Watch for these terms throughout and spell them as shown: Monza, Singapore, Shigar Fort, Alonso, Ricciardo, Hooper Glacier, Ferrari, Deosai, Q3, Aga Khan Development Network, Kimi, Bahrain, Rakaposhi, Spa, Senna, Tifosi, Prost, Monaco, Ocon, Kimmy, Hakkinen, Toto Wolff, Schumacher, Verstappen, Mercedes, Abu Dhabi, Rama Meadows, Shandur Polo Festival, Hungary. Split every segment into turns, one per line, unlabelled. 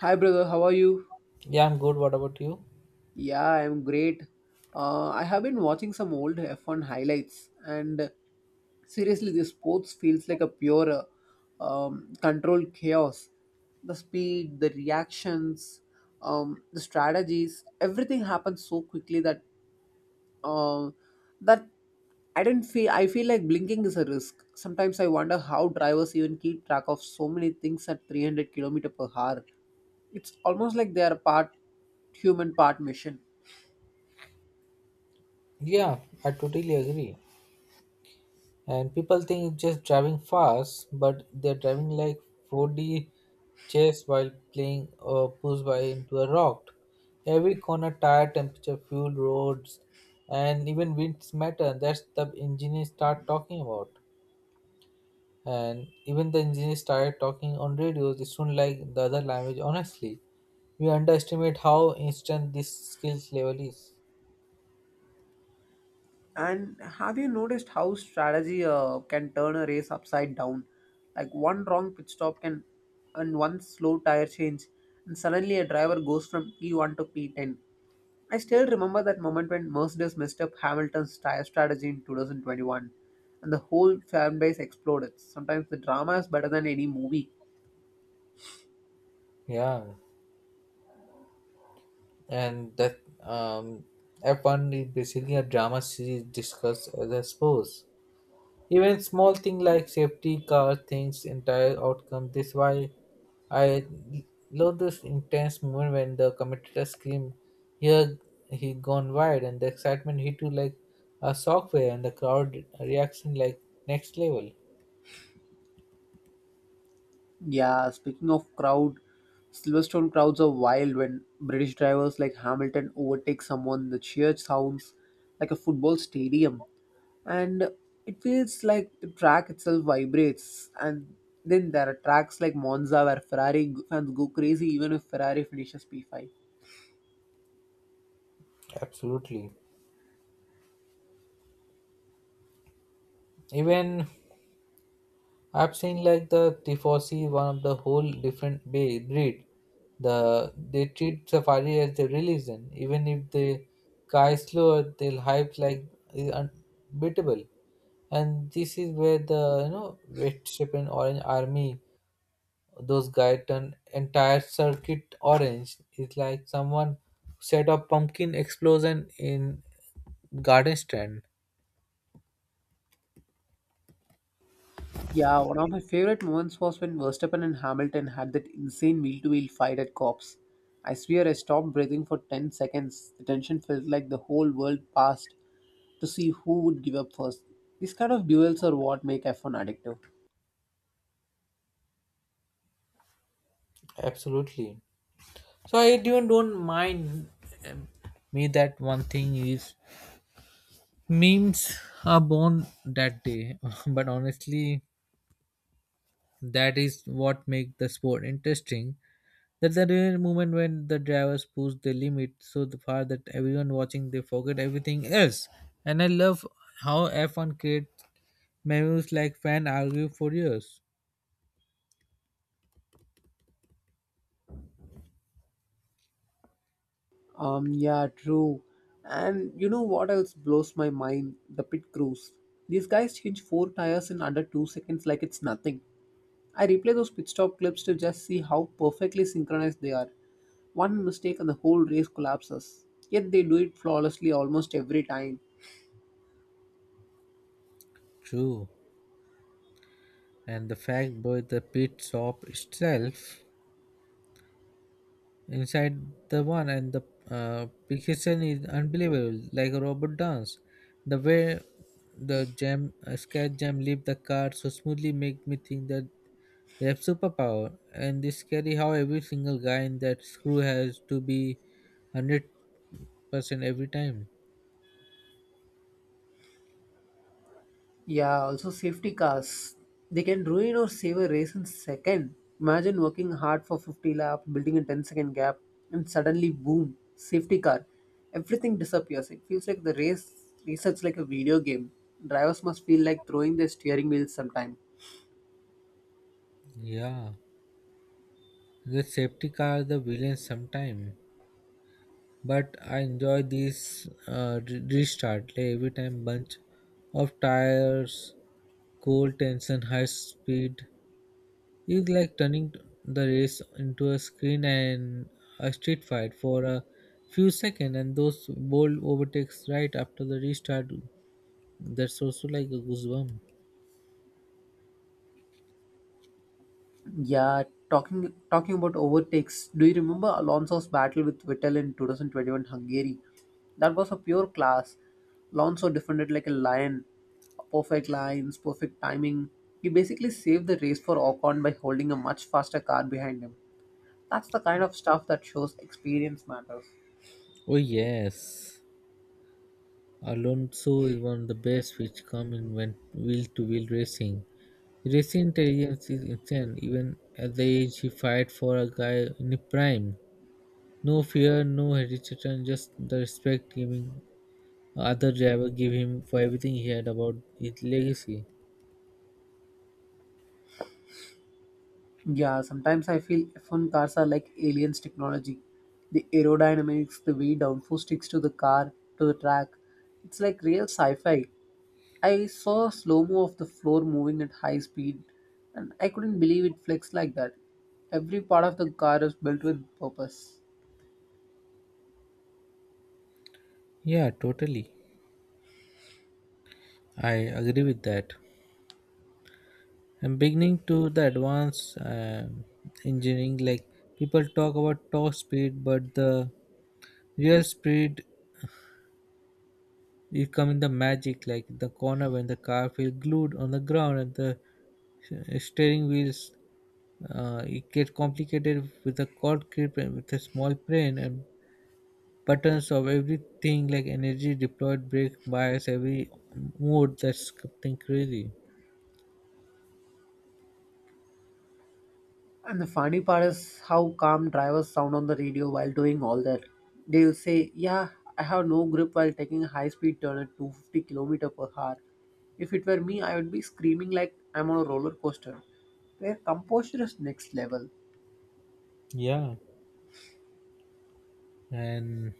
Hi brother, how are you?
Yeah, I'm good. What about you?
Yeah, I'm great. I have been watching some old F1 highlights, and seriously, this sports feels like a pure controlled chaos. The speed, the reactions, the strategies, everything happens so quickly um, that I didn't feel. I feel like blinking is a risk. Sometimes I wonder how drivers even keep track of so many things at 300 kilometer per hour. It's almost like they are part human, part machine.
Yeah, I totally agree. And people think it's just driving fast, but they're driving like 4D chess while playing push by into a rock. Every corner, tire temperature, fuel, roads, and even winds matter. That's the engineers start talking about. And even the engineers started talking on radios. They sound like the other language. Honestly, we underestimate how instant this skills level is.
And have you noticed how strategy can turn a race upside down? Like one wrong pit stop can, and one slow tire change, and suddenly a driver goes from P1 to P10. I still remember that moment when Mercedes messed up Hamilton's tire strategy in 2021, and the whole fan base exploded. Sometimes the drama is better than any movie.
Yeah. and that F1 is basically a drama series discussed as a sport. Even small things like safety car things, entire outcome. This why I love this intense moment when the commentator scream, "Here he gone wide!" And the excitement hit you like a shockwave, and the crowd reaction like next level.
Yeah, speaking of crowd, Silverstone crowds are wild when British drivers like Hamilton overtake someone. The cheer sounds like a football stadium, and it feels like the track itself vibrates. And then there are tracks like Monza where Ferrari fans go crazy even if Ferrari finishes P5.
Absolutely. Even I've seen like the Tifosi, one of the whole different breed. They treat safari as their religion, even if they guy slower, they'll hype like is unbeatable. And this is where the West Japan Orange Army, those guys turn entire circuit orange. It's like someone set up pumpkin explosion in garden stand.
Yeah, one of my favorite moments was when Verstappen and Hamilton had that insane wheel to wheel fight at Cops. I swear I stopped breathing for 10 seconds. The tension felt like the whole world passed to see who would give up first. These kind of duels are what make F1 addictive.
Absolutely. So I even don't mind um, me that one thing is memes are born that day, but honestly, that is what make the sport interesting. That's the real moment when the drivers push the limit so the far that everyone watching they forget everything else. And I love how F1 creates memes like fan argue for years.
Yeah, true. And you know what else blows my mind? The pit crews. These guys change four tires in under 2 seconds like it's nothing. I replay those pit stop clips to just see how perfectly synchronized they are. One mistake and the whole race collapses. Yet they do it flawlessly almost every time.
True, and the fact boy the pit stop itself inside the one and the precision is unbelievable like a robot dance the way the jam scat jam leave the car so smoothly make me think that they have superpower, and it's scary how every single guy in that screw has to be 100% every time.
Yeah, also safety cars. They can ruin or save a race in second. Imagine working hard for 50 laps, building a ten-second gap, and suddenly boom, safety car. Everything disappears. It feels like the race research like a video game. Drivers must feel like throwing their steering wheels sometime.
Yeah, the safety car the villain sometime, but I enjoy this restart like every time bunch of tires cold tension, high speed. It's like turning the race into a screen and a street fight for a few seconds, and those bold overtakes right after the restart. That's also like a goosebump.
Yeah, talking about overtakes. Do you remember Alonso's battle with Vettel in 2021 Hungary? That was a pure class. Alonso defended like a lion, perfect lines, perfect timing. He basically saved the race for Ocon by holding a much faster car behind him. That's the kind of stuff that shows experience matters.
Oh yes, Alonso is one of the best which come in when wheel-to-wheel racing. Racing intelligence is insane. Even at the age he fight for a guy in his prime. No fear, no hesitation, just the respect giving other driver gave him for everything he had about his legacy.
Yeah, sometimes I feel F1 cars are like aliens technology. The aerodynamics, the way downforce sticks to the car, to the track. It's like real sci-fi. I saw a slow-mo of the floor moving at high speed and I couldn't believe it flexed like that. Every part of the car is built with purpose.
Yeah, totally. I agree with that. And beginning to the advanced engineering, like people talk about top speed, but the real speed is coming the magic, like the corner when the car feels glued on the ground and the steering wheels. It gets complicated with the cord grip and with a small plane and patterns of everything like energy deployed brake bias every mode. That's something crazy.
And the funny part is how calm drivers sound on the radio while doing all that. They'll say, "Yeah, I have no grip," while taking a high speed turn at 250 km per hour. If it were me, I would be screaming like I'm on a roller coaster. Their composure is next level.
Yeah. And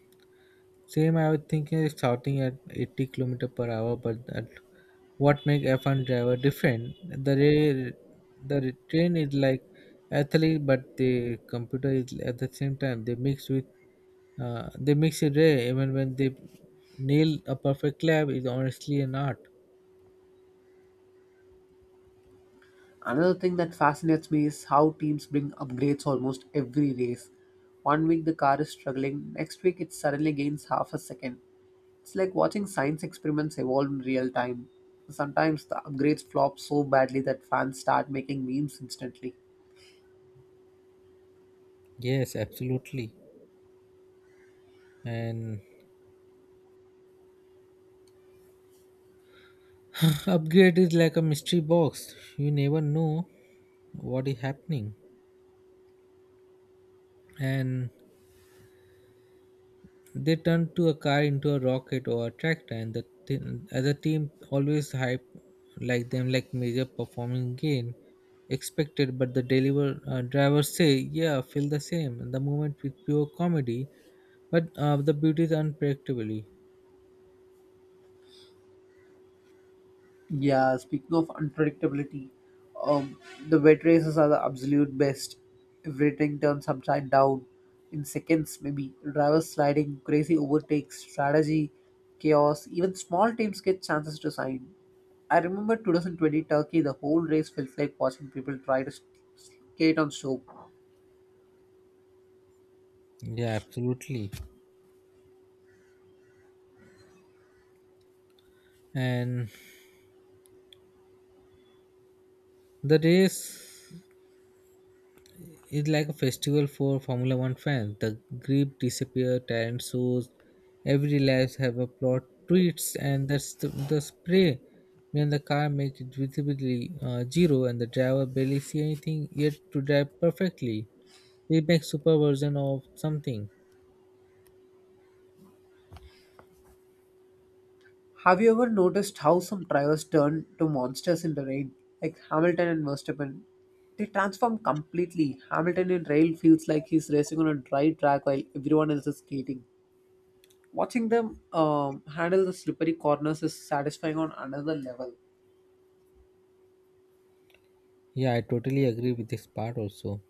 same I was thinking is shouting at 80 km/h kilometer per hour, but that what make F1 driver different. The re- the re- train is like athlete but the computer is at the same time they mix with they mix it rare even when they nail a perfect lap is honestly an art.
Another thing that fascinates me is how teams bring upgrades almost every race. 1 week the car is struggling, next week it suddenly gains half a second. It's like watching science experiments evolve in real time. Sometimes the upgrades flop so badly that fans start making memes instantly.
Yes, absolutely. And upgrade is like a mystery box you never know what is happening, and they turn to a car into a rocket or a tractor, and the team, as a team always hype like them like major performing gain expected, but the deliver driver say yeah feel the same, and the moment with pure comedy, but the beauty is unpredictably.
Yeah, speaking of unpredictability, um, the wet races are the absolute best. Everything turns upside down in seconds, maybe. Drivers sliding, crazy overtakes, strategy, chaos. Even small teams get chances to shine. I remember 2020 Turkey, the whole race felt like watching people try to skate on soap.
Yeah, absolutely. And the race, it's like a festival for Formula One fans. The grip disappear, talent shows, every laps have a plot tweets, and that's the spray. When the car makes it visibly zero and the driver barely see anything, yet to drive perfectly. They make super version of something.
Have you ever noticed how some drivers turn to monsters in the rain, like Hamilton and Verstappen? They transform completely. Hamilton in rail feels like he's racing on a dry track while everyone else is skating. Watching them handle the slippery corners is satisfying on another level.
Yeah, I totally agree with this part also.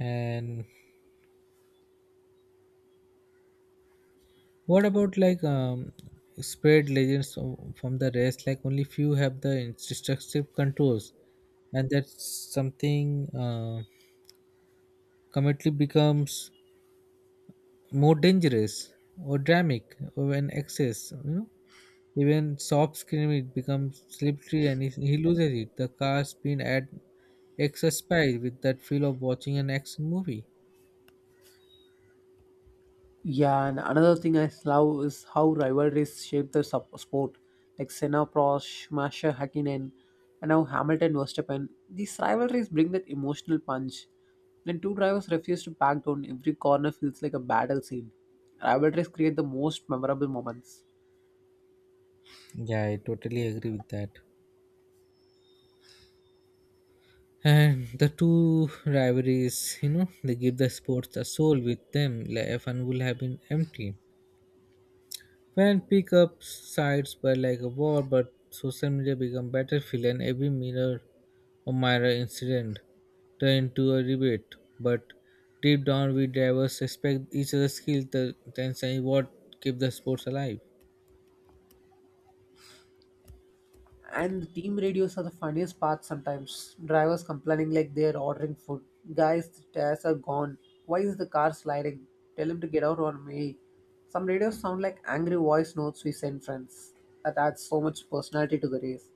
And what about like spread legends from the rest? Like only few have the instructive controls, and that's something committee becomes more dangerous or dramatic, or when excess you know even soft screaming it becomes slippery and he loses it the car spin at extra speed with that feel of watching an action movie.
Yeah, and another thing I love is how rivalries shape the sport. Like Senna, Prost, Schumacher, Hakkinen, and now Hamilton, Verstappen. These rivalries bring that emotional punch. When two drivers refuse to back down, every corner feels like a battle scene. Rivalries create the most memorable moments.
Yeah, I totally agree with that. And the two rivalries you know they give the sports a soul with them like F1 will have been empty. When pickup sites were like a war, but social media became battlefield, and every minor incident turned into a debate. But deep down, we drivers respect each other's skill. The tension is what keep the sports alive.
And the team radios are the funniest part sometimes. Drivers complaining like they're ordering food. "Guys, the tires are gone. Why is the car sliding? Tell him to get out on me." Some radios sound like angry voice notes we send friends. That adds so much personality to the race.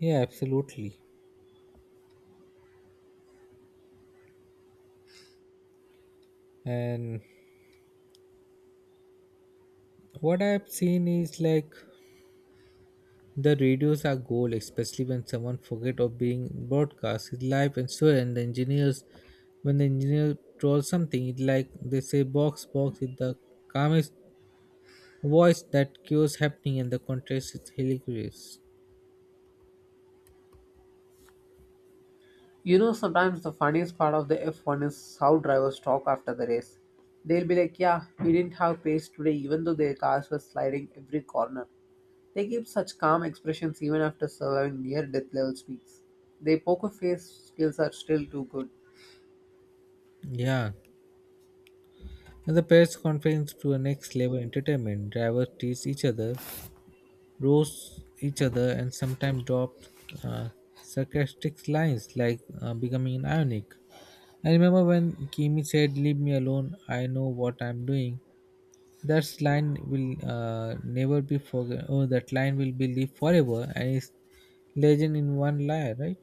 Yeah, absolutely. And what I've seen is like the radios are gold, especially when someone forget or being broadcast his life and so, and the engineers when the engineer draws something it like they say box box with the calmest voice that cures happening, and the contrast is hilarious.
You know, sometimes the funniest part of the F1 is how drivers talk after the race. They'll be like, "Yeah, we didn't have pace today," even though their cars were sliding every corner. They keep such calm expressions even after surviving near death level speeds. Their poker face skills are still too good.
Yeah. And the press conference to a next level entertainment. Drivers tease each other, roast each other, and sometimes drop uh, sarcastic lines like becoming ironic. I remember when Kimi said, "Leave me alone, I know what I'm doing." That line will never be forgotten. Oh, that line will be lived forever, and it's legend in one lie, right?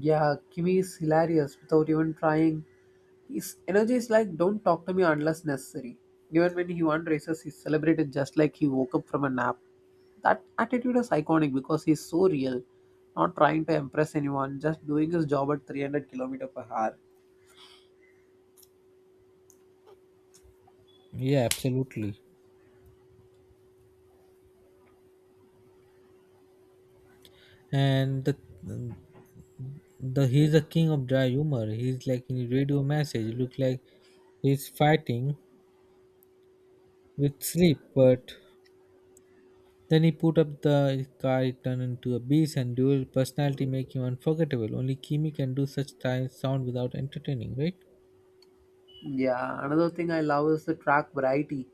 Yeah, Kimmy is hilarious without even trying. His energy is like, "Don't talk to me unless necessary." Even when he won races, he's celebrated just like he woke up from a nap. That attitude is iconic because he's so real, not trying to impress anyone, just doing his job at 300 kilometers per hour.
Yeah, absolutely. And the he's a king of dry humor. He's like in radio message, look like he's fighting with sleep, but then he put up the car, it turned into a beast, and dual personality make him unforgettable. Only Kimi can do such time sound without entertaining, right?
Yeah, another thing I love is the track variety.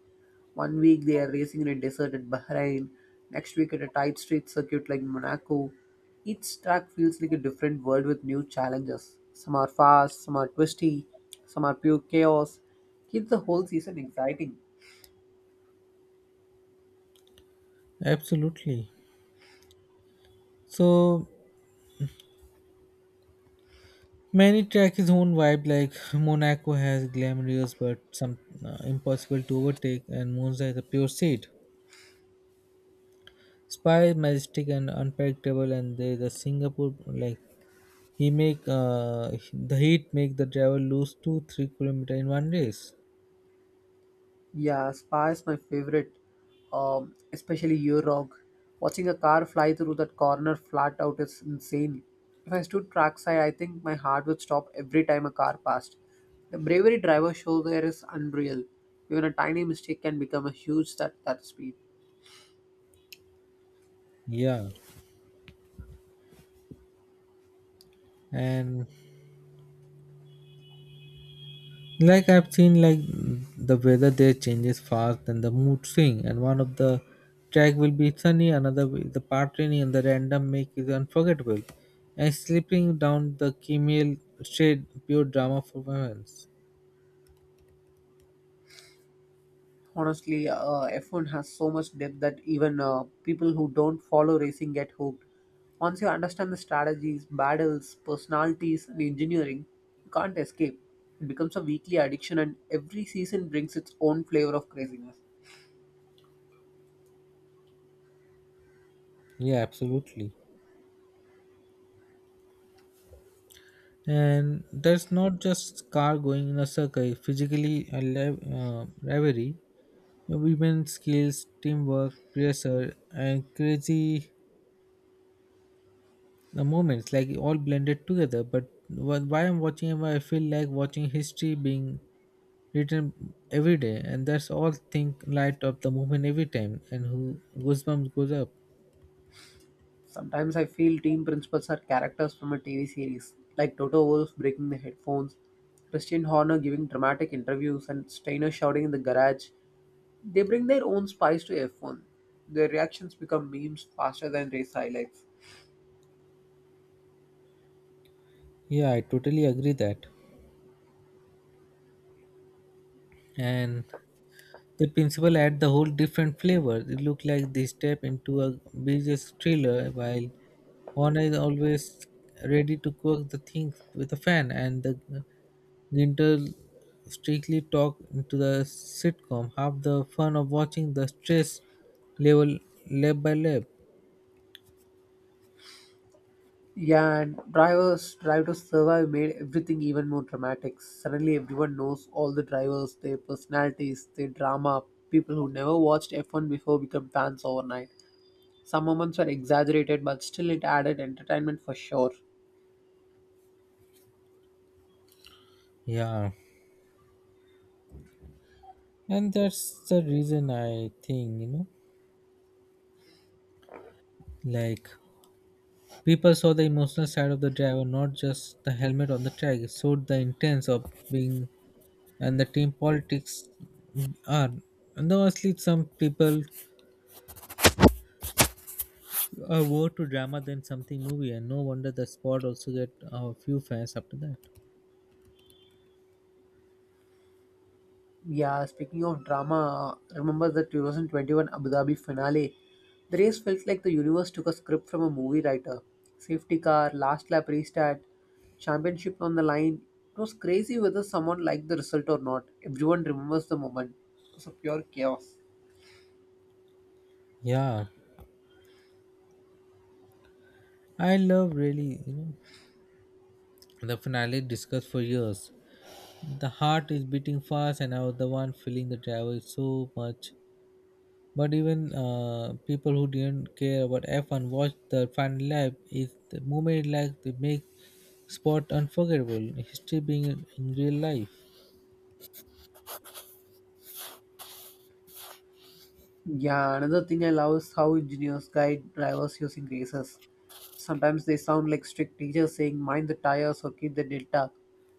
1 week they are racing in a desert at Bahrain, next week at a tight street circuit like Monaco. Each track feels like a different world with new challenges. Some are fast, some are twisty, some are pure chaos. Keeps the whole season exciting.
Absolutely. So many track his own vibe, like Monaco has glamorous but some impossible to overtake, and Monza is a pure seed. Spy majestic and unpredictable, and there's a Singapore like he make the heat make the driver lose 2 3 km in one race.
Yeah, Spa is my favorite, especially Eurog. Watching a car fly through that corner flat out is insane. If I stood trackside, I think my heart would stop every time a car passed. The bravery drivers show there is unreal. Even a tiny mistake can become a huge that speed.
Yeah, and like I've seen like the weather there changes fast and the mood swing, and one of the track will be sunny, another will the part rainy, and the random make is unforgettable, and slipping down the camel shade pure drama for moments.
Honestly, F1 has so much depth that even people who don't follow racing get hooked. Once you understand the strategies, battles, personalities and engineering, you can't escape. It becomes a weekly addiction, and every season brings its own flavor of craziness.
Yeah, absolutely. And that's not just car going in a circle, physically rivalry women skills teamwork pressure and crazy the moments like all blended together, but why I'm watching him I feel like watching history being written every day, and that's all think light up the movement every time and who goosebumps goes up.
Sometimes I feel team principals are characters from a TV series, like Toto Wolff breaking the headphones, Christian Horner giving dramatic interviews, and Steiner shouting in the garage. They bring their own spice to F1. Their reactions become memes faster than race highlights.
Yeah, I totally agree that. And the principal add the whole different flavor. It look like they step into a business thriller while Honor is always ready to cook the things with a fan, and the Ginter strictly talk into the sitcom. Half the fun of watching the stress level lab by lab.
Yeah, and drivers drive to survive made everything even more dramatic. Suddenly, everyone knows all the drivers, their personalities, their drama. People who never watched F1 before become fans overnight. Some moments were exaggerated, but still it added entertainment for sure.
Yeah. And that's the reason I think, you know, like people saw the emotional side of the driver, not just the helmet on the track. It showed the intense of being and the team politics are, and honestly some people are more to drama than something movie, and no wonder the sport also get a few fans after that.
Yeah, speaking of drama, remember the 2021 Abu Dhabi finale? The race felt like the universe took a script from a movie writer. Safety car, last lap restart, championship on the line. It was crazy whether someone liked the result or not. Everyone remembers the moment. It was a pure chaos.
Yeah, I love really you know the finale discussed for years. The heart is beating fast, and I was the one feeling the travel so much, but even people who didn't care about F1 watched the final lap is the moment like they make sport unforgettable history being in real life.
Yeah, another thing I love is how engineers guide drivers using races. Sometimes they sound like strict teachers saying, "Mind the tires," or, "Keep the delta."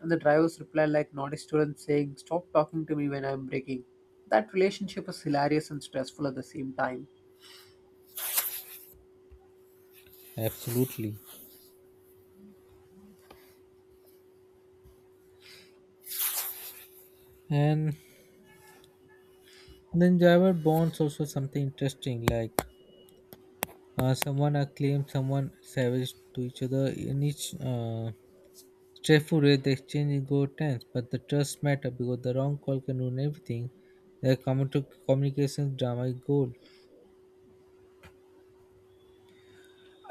And the drivers reply like naughty students saying, "Stop talking to me when I'm braking." That relationship is hilarious and stressful at the same time.
Absolutely. And then Java bonds also something interesting like someone acclaimed someone savage to each other in each stressful rate. The exchange is go tense but the trust matter because the wrong call can ruin everything. The common to communication drama is gold.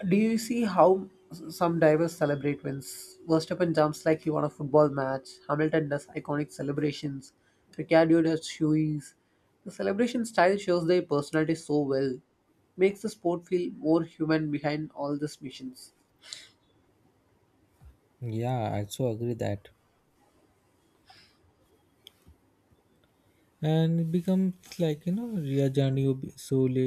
Do you see how some divers celebrate wins? Verstappen jumps like he won a football match. Hamilton does iconic celebrations. Ricciardo does shoeies. The celebration style shows their personality so well. Makes the sport feel more human behind all these missions.
Yeah, I also agree that. And it becomes like you know ria jani sole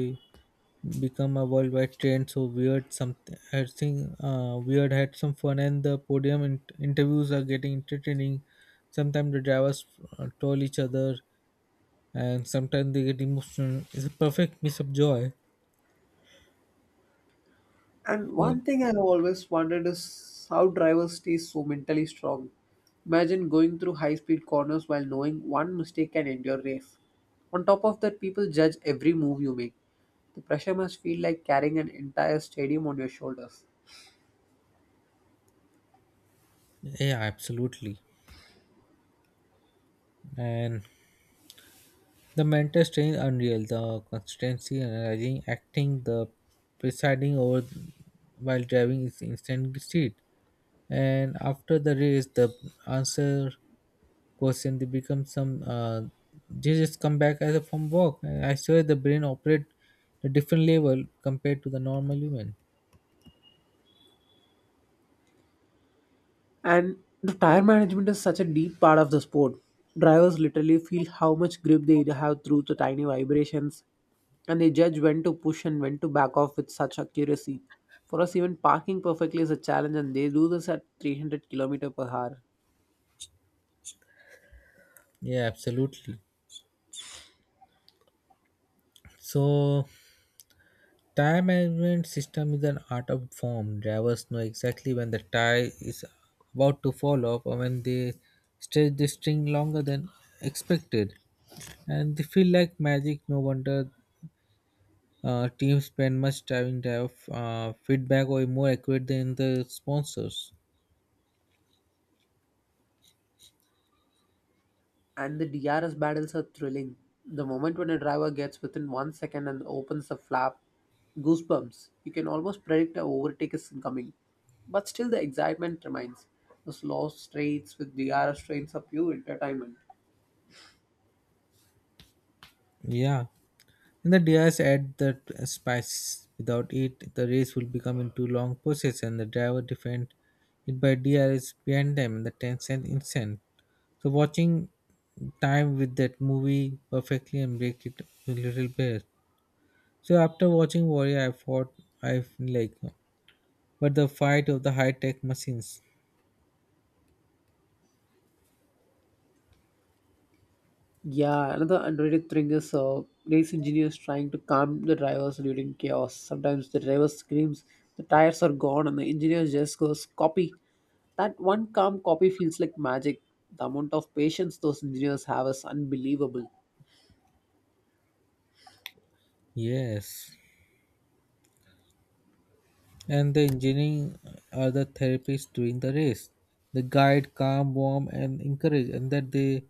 become a worldwide trend. So weird, something I think weird had some fun, and the podium interviews are getting entertaining. Sometimes the drivers told each other, and sometimes they get emotional. It's a perfect mix of joy.
And
Yeah,
one thing I have always wondered is how drivers stay so mentally strong. Imagine going through high speed corners while knowing one mistake can end your race. On top of that, people judge every move you make. The pressure must feel like carrying an entire stadium on your shoulders.
yeah, absolutely. And the mental strain unreal. The constancy, analyzing, acting, the presiding over while driving is instant speed. And after the race the answer question they become some they just come back as a from walk, and I swear the brain operate at a different level compared to the normal human.
And the tire management is such a deep part of the sport. Drivers literally feel how much grip they have through the tiny vibrations, and they judge when to push and when to back off with such accuracy. For us, even parking perfectly is a challenge, and they do this at 300 kilometers per hour.
Yeah, absolutely. So time management system is an art of form. Drivers know exactly when the tire is about to fall off, or when they stretch the string longer than expected and they feel like magic. No wonder teams spend much time to have feedback or more accurate than the sponsors.
And the DRS battles are thrilling. The moment when a driver gets within 1 second and opens the flap, goosebumps. You can almost predict a overtake is coming. But still, the excitement remains. The slow straights with DRS trains are pure entertainment.
Yeah, and the drivers add the spice. Without it, the race will become into long process, and the driver defend it by DRS behind them in the 10 cent instant. So watching time with that movie perfectly and break it a little bit. So after watching Warrior, I thought I like, but the fight of the high tech machines.
Yeah, another underrated thing is race engineers trying to calm the drivers during chaos. Sometimes the driver screams, "The tires are gone," and the engineer just goes, "Copy." That one calm "copy" feels like magic. The amount of patience those engineers have is unbelievable.
Yes. And the engineering are the therapists during the race. They guide, calm, warm, and encourage, and that they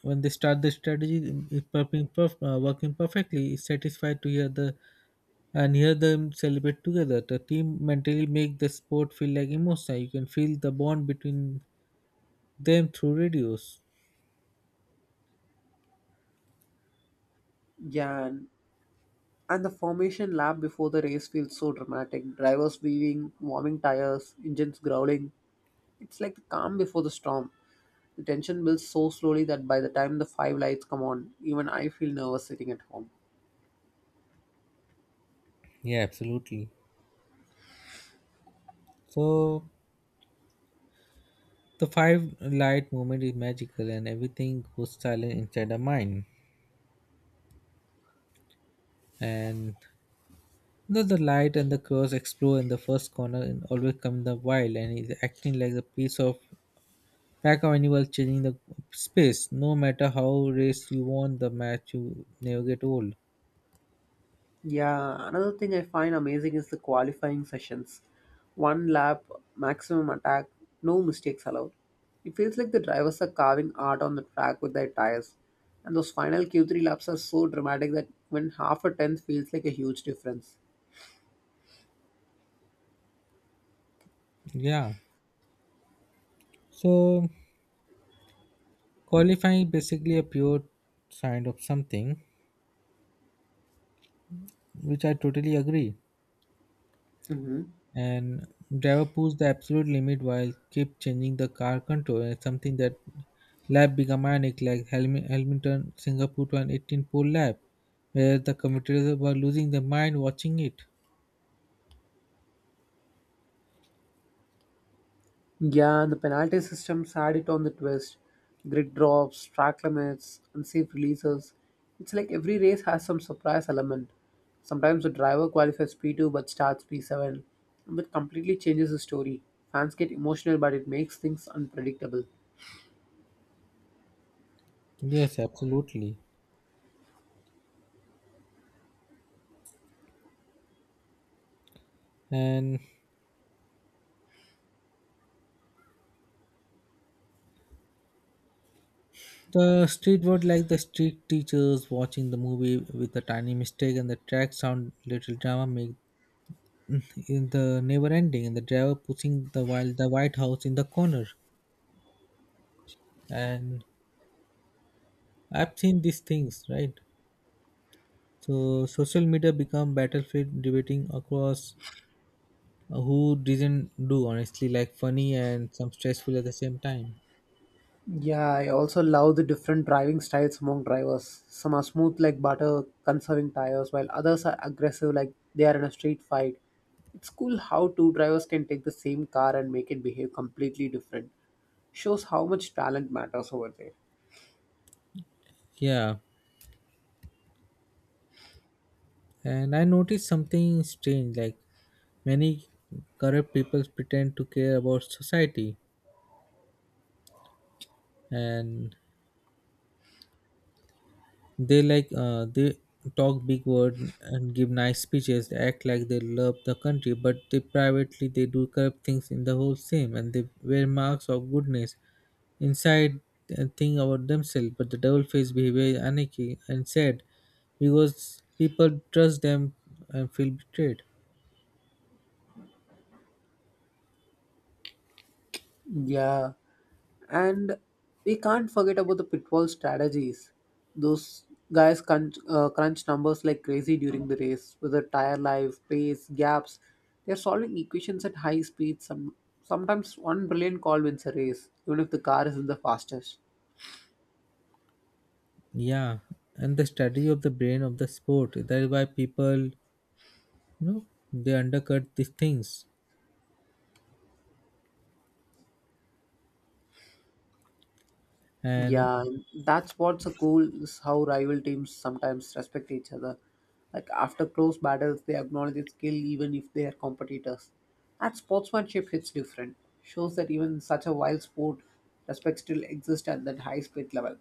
when they start the strategy, it's working, working perfectly. It's satisfied to hear the and hear them celebrate together. The team mentally make the sport feel like emotional. You can feel the bond between them through radios.
Yeah, and the formation lap before the race feels so dramatic. Drivers weaving, warming tires, engines growling. It's like the calm before the storm. The tension builds so slowly that by the time the five lights come on, even I feel nervous sitting at home.
Yeah, absolutely. So the five light moment is magical, and everything goes silent inside the mind. And though the light and the curse explore in the first corner and always come in the wild and is acting like a piece of pack of animals changing the space. No matter how race you want the match you never get old.
Yeah, another thing I find amazing is the qualifying sessions. One lap, maximum attack, no mistakes allowed. It feels like the drivers are carving art on the track with their tires. And those final Q3 laps are so dramatic that when half a tenth feels like a huge difference.
Yeah. So qualifying is basically a pure sign of something which I totally agree.
Mhm.
And driver pushed the absolute limit while kept changing the car control, and something that lap become manic like Hamilton Singapore 2018 pole lap where the commentators were losing their mind watching it.
Yeah, the penalty systems had it on the twist. Grid drops, track limits, unsafe releases. It's like every race has some surprise element. Sometimes the driver qualifies P2 but starts P7. That completely changes the story. Fans get emotional, but it makes things unpredictable.
Yes, absolutely. And the street were like the street teachers watching the movie with a tiny mistake, and the track sound little drama make in the never ending, and the driver pushing the while the White House in the corner. And I've seen these things, right? So social media become battlefield debating across who didn't do honestly like funny and some stressful at the same time.
Yeah, I also love the different driving styles among drivers. Some are smooth like butter, conserving tires, while others are aggressive like they are in a street fight. It's cool how two drivers can take the same car and make it behave completely different. Shows how much talent matters over there.
Yeah, and I noticed something strange like many corrupt people pretend to care about society, and they like they talk big word and give nice speeches act like they love the country, but they privately they do corrupt things in the whole same, and they wear marks of goodness inside think about themselves, but the devil faced behavior is anarchy and said because people trust them and feel betrayed.
Yeah, and we can't forget about the pitfall strategies. Those guys crunch, crunch numbers like crazy during the race, whether tire life, pace, gaps. They're solving equations at high speeds. Sometimes one brilliant call wins a race, even if the car isn't the fastest.
Yeah, and the strategy of the brain of the sport. That is why people you know they undercut these things. And
Yeah, that's what's so cool is how rival teams sometimes respect each other. Like after close battles, they acknowledge the skill even if they are competitors. That sportsmanship hits different. Shows that even such a wild sport, respect still exists at that high speed level.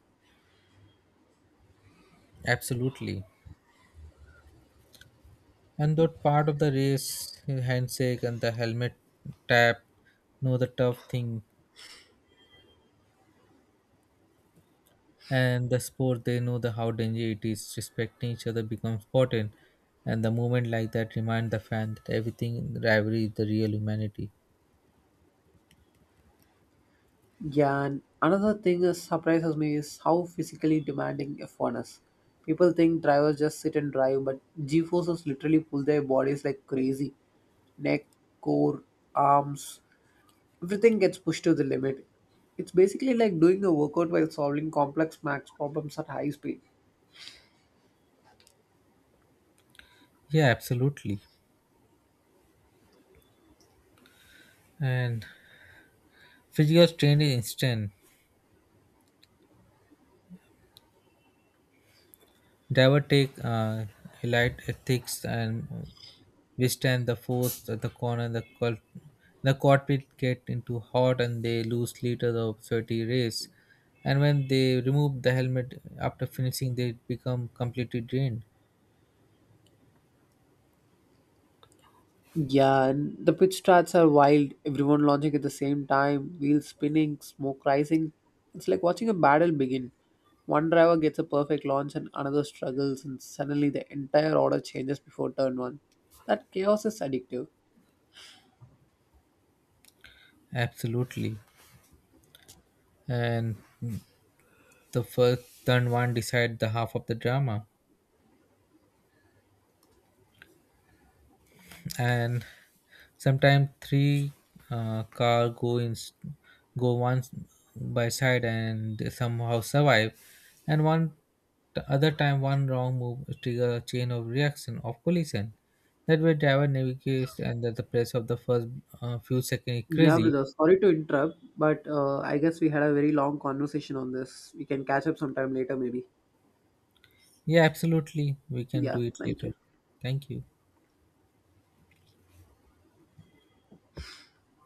absolutely, and that part of the race handshake and the helmet tap know the tough thing and the sport they know the how dangerous it is respecting each other becomes important, and the moment like that remind the fan that everything in rivalry is the real humanity.
Yeah, and another thing that surprises me is how physically demanding F1 is. People think drivers just sit and drive, but G forces literally pull their bodies like crazy. Neck, core, arms. Everything gets pushed to the limit. It's basically like doing a workout while solving complex max problems at high speed.
Yeah, absolutely. And physical strain is instant. Driver take light ethics and withstand the force at the corner. The cockpit get into hot and they lose liters of sweaty race, and when they remove the helmet after finishing they become completely drained.
Yeah, and the pitch strats are wild. Everyone launching at the same time, wheels spinning, smoke rising. It's like watching a battle begin. One driver gets a perfect launch and another struggles, and suddenly the entire order changes before turn one. That chaos is addictive.
Absolutely. And the first turn one decide the half of the drama. And sometimes three car go in go one by side and they somehow survive, and one the other time one wrong move trigger a chain of reaction of collision that way driver navigates, and at the press of the first few seconds
Yeah,
crazy.
brother. Sorry to interrupt, but I guess we had a very long conversation on this. We can catch up sometime later, maybe.
Yeah, absolutely, we can
Yeah,
do it
thank
later.
you.
Thank you.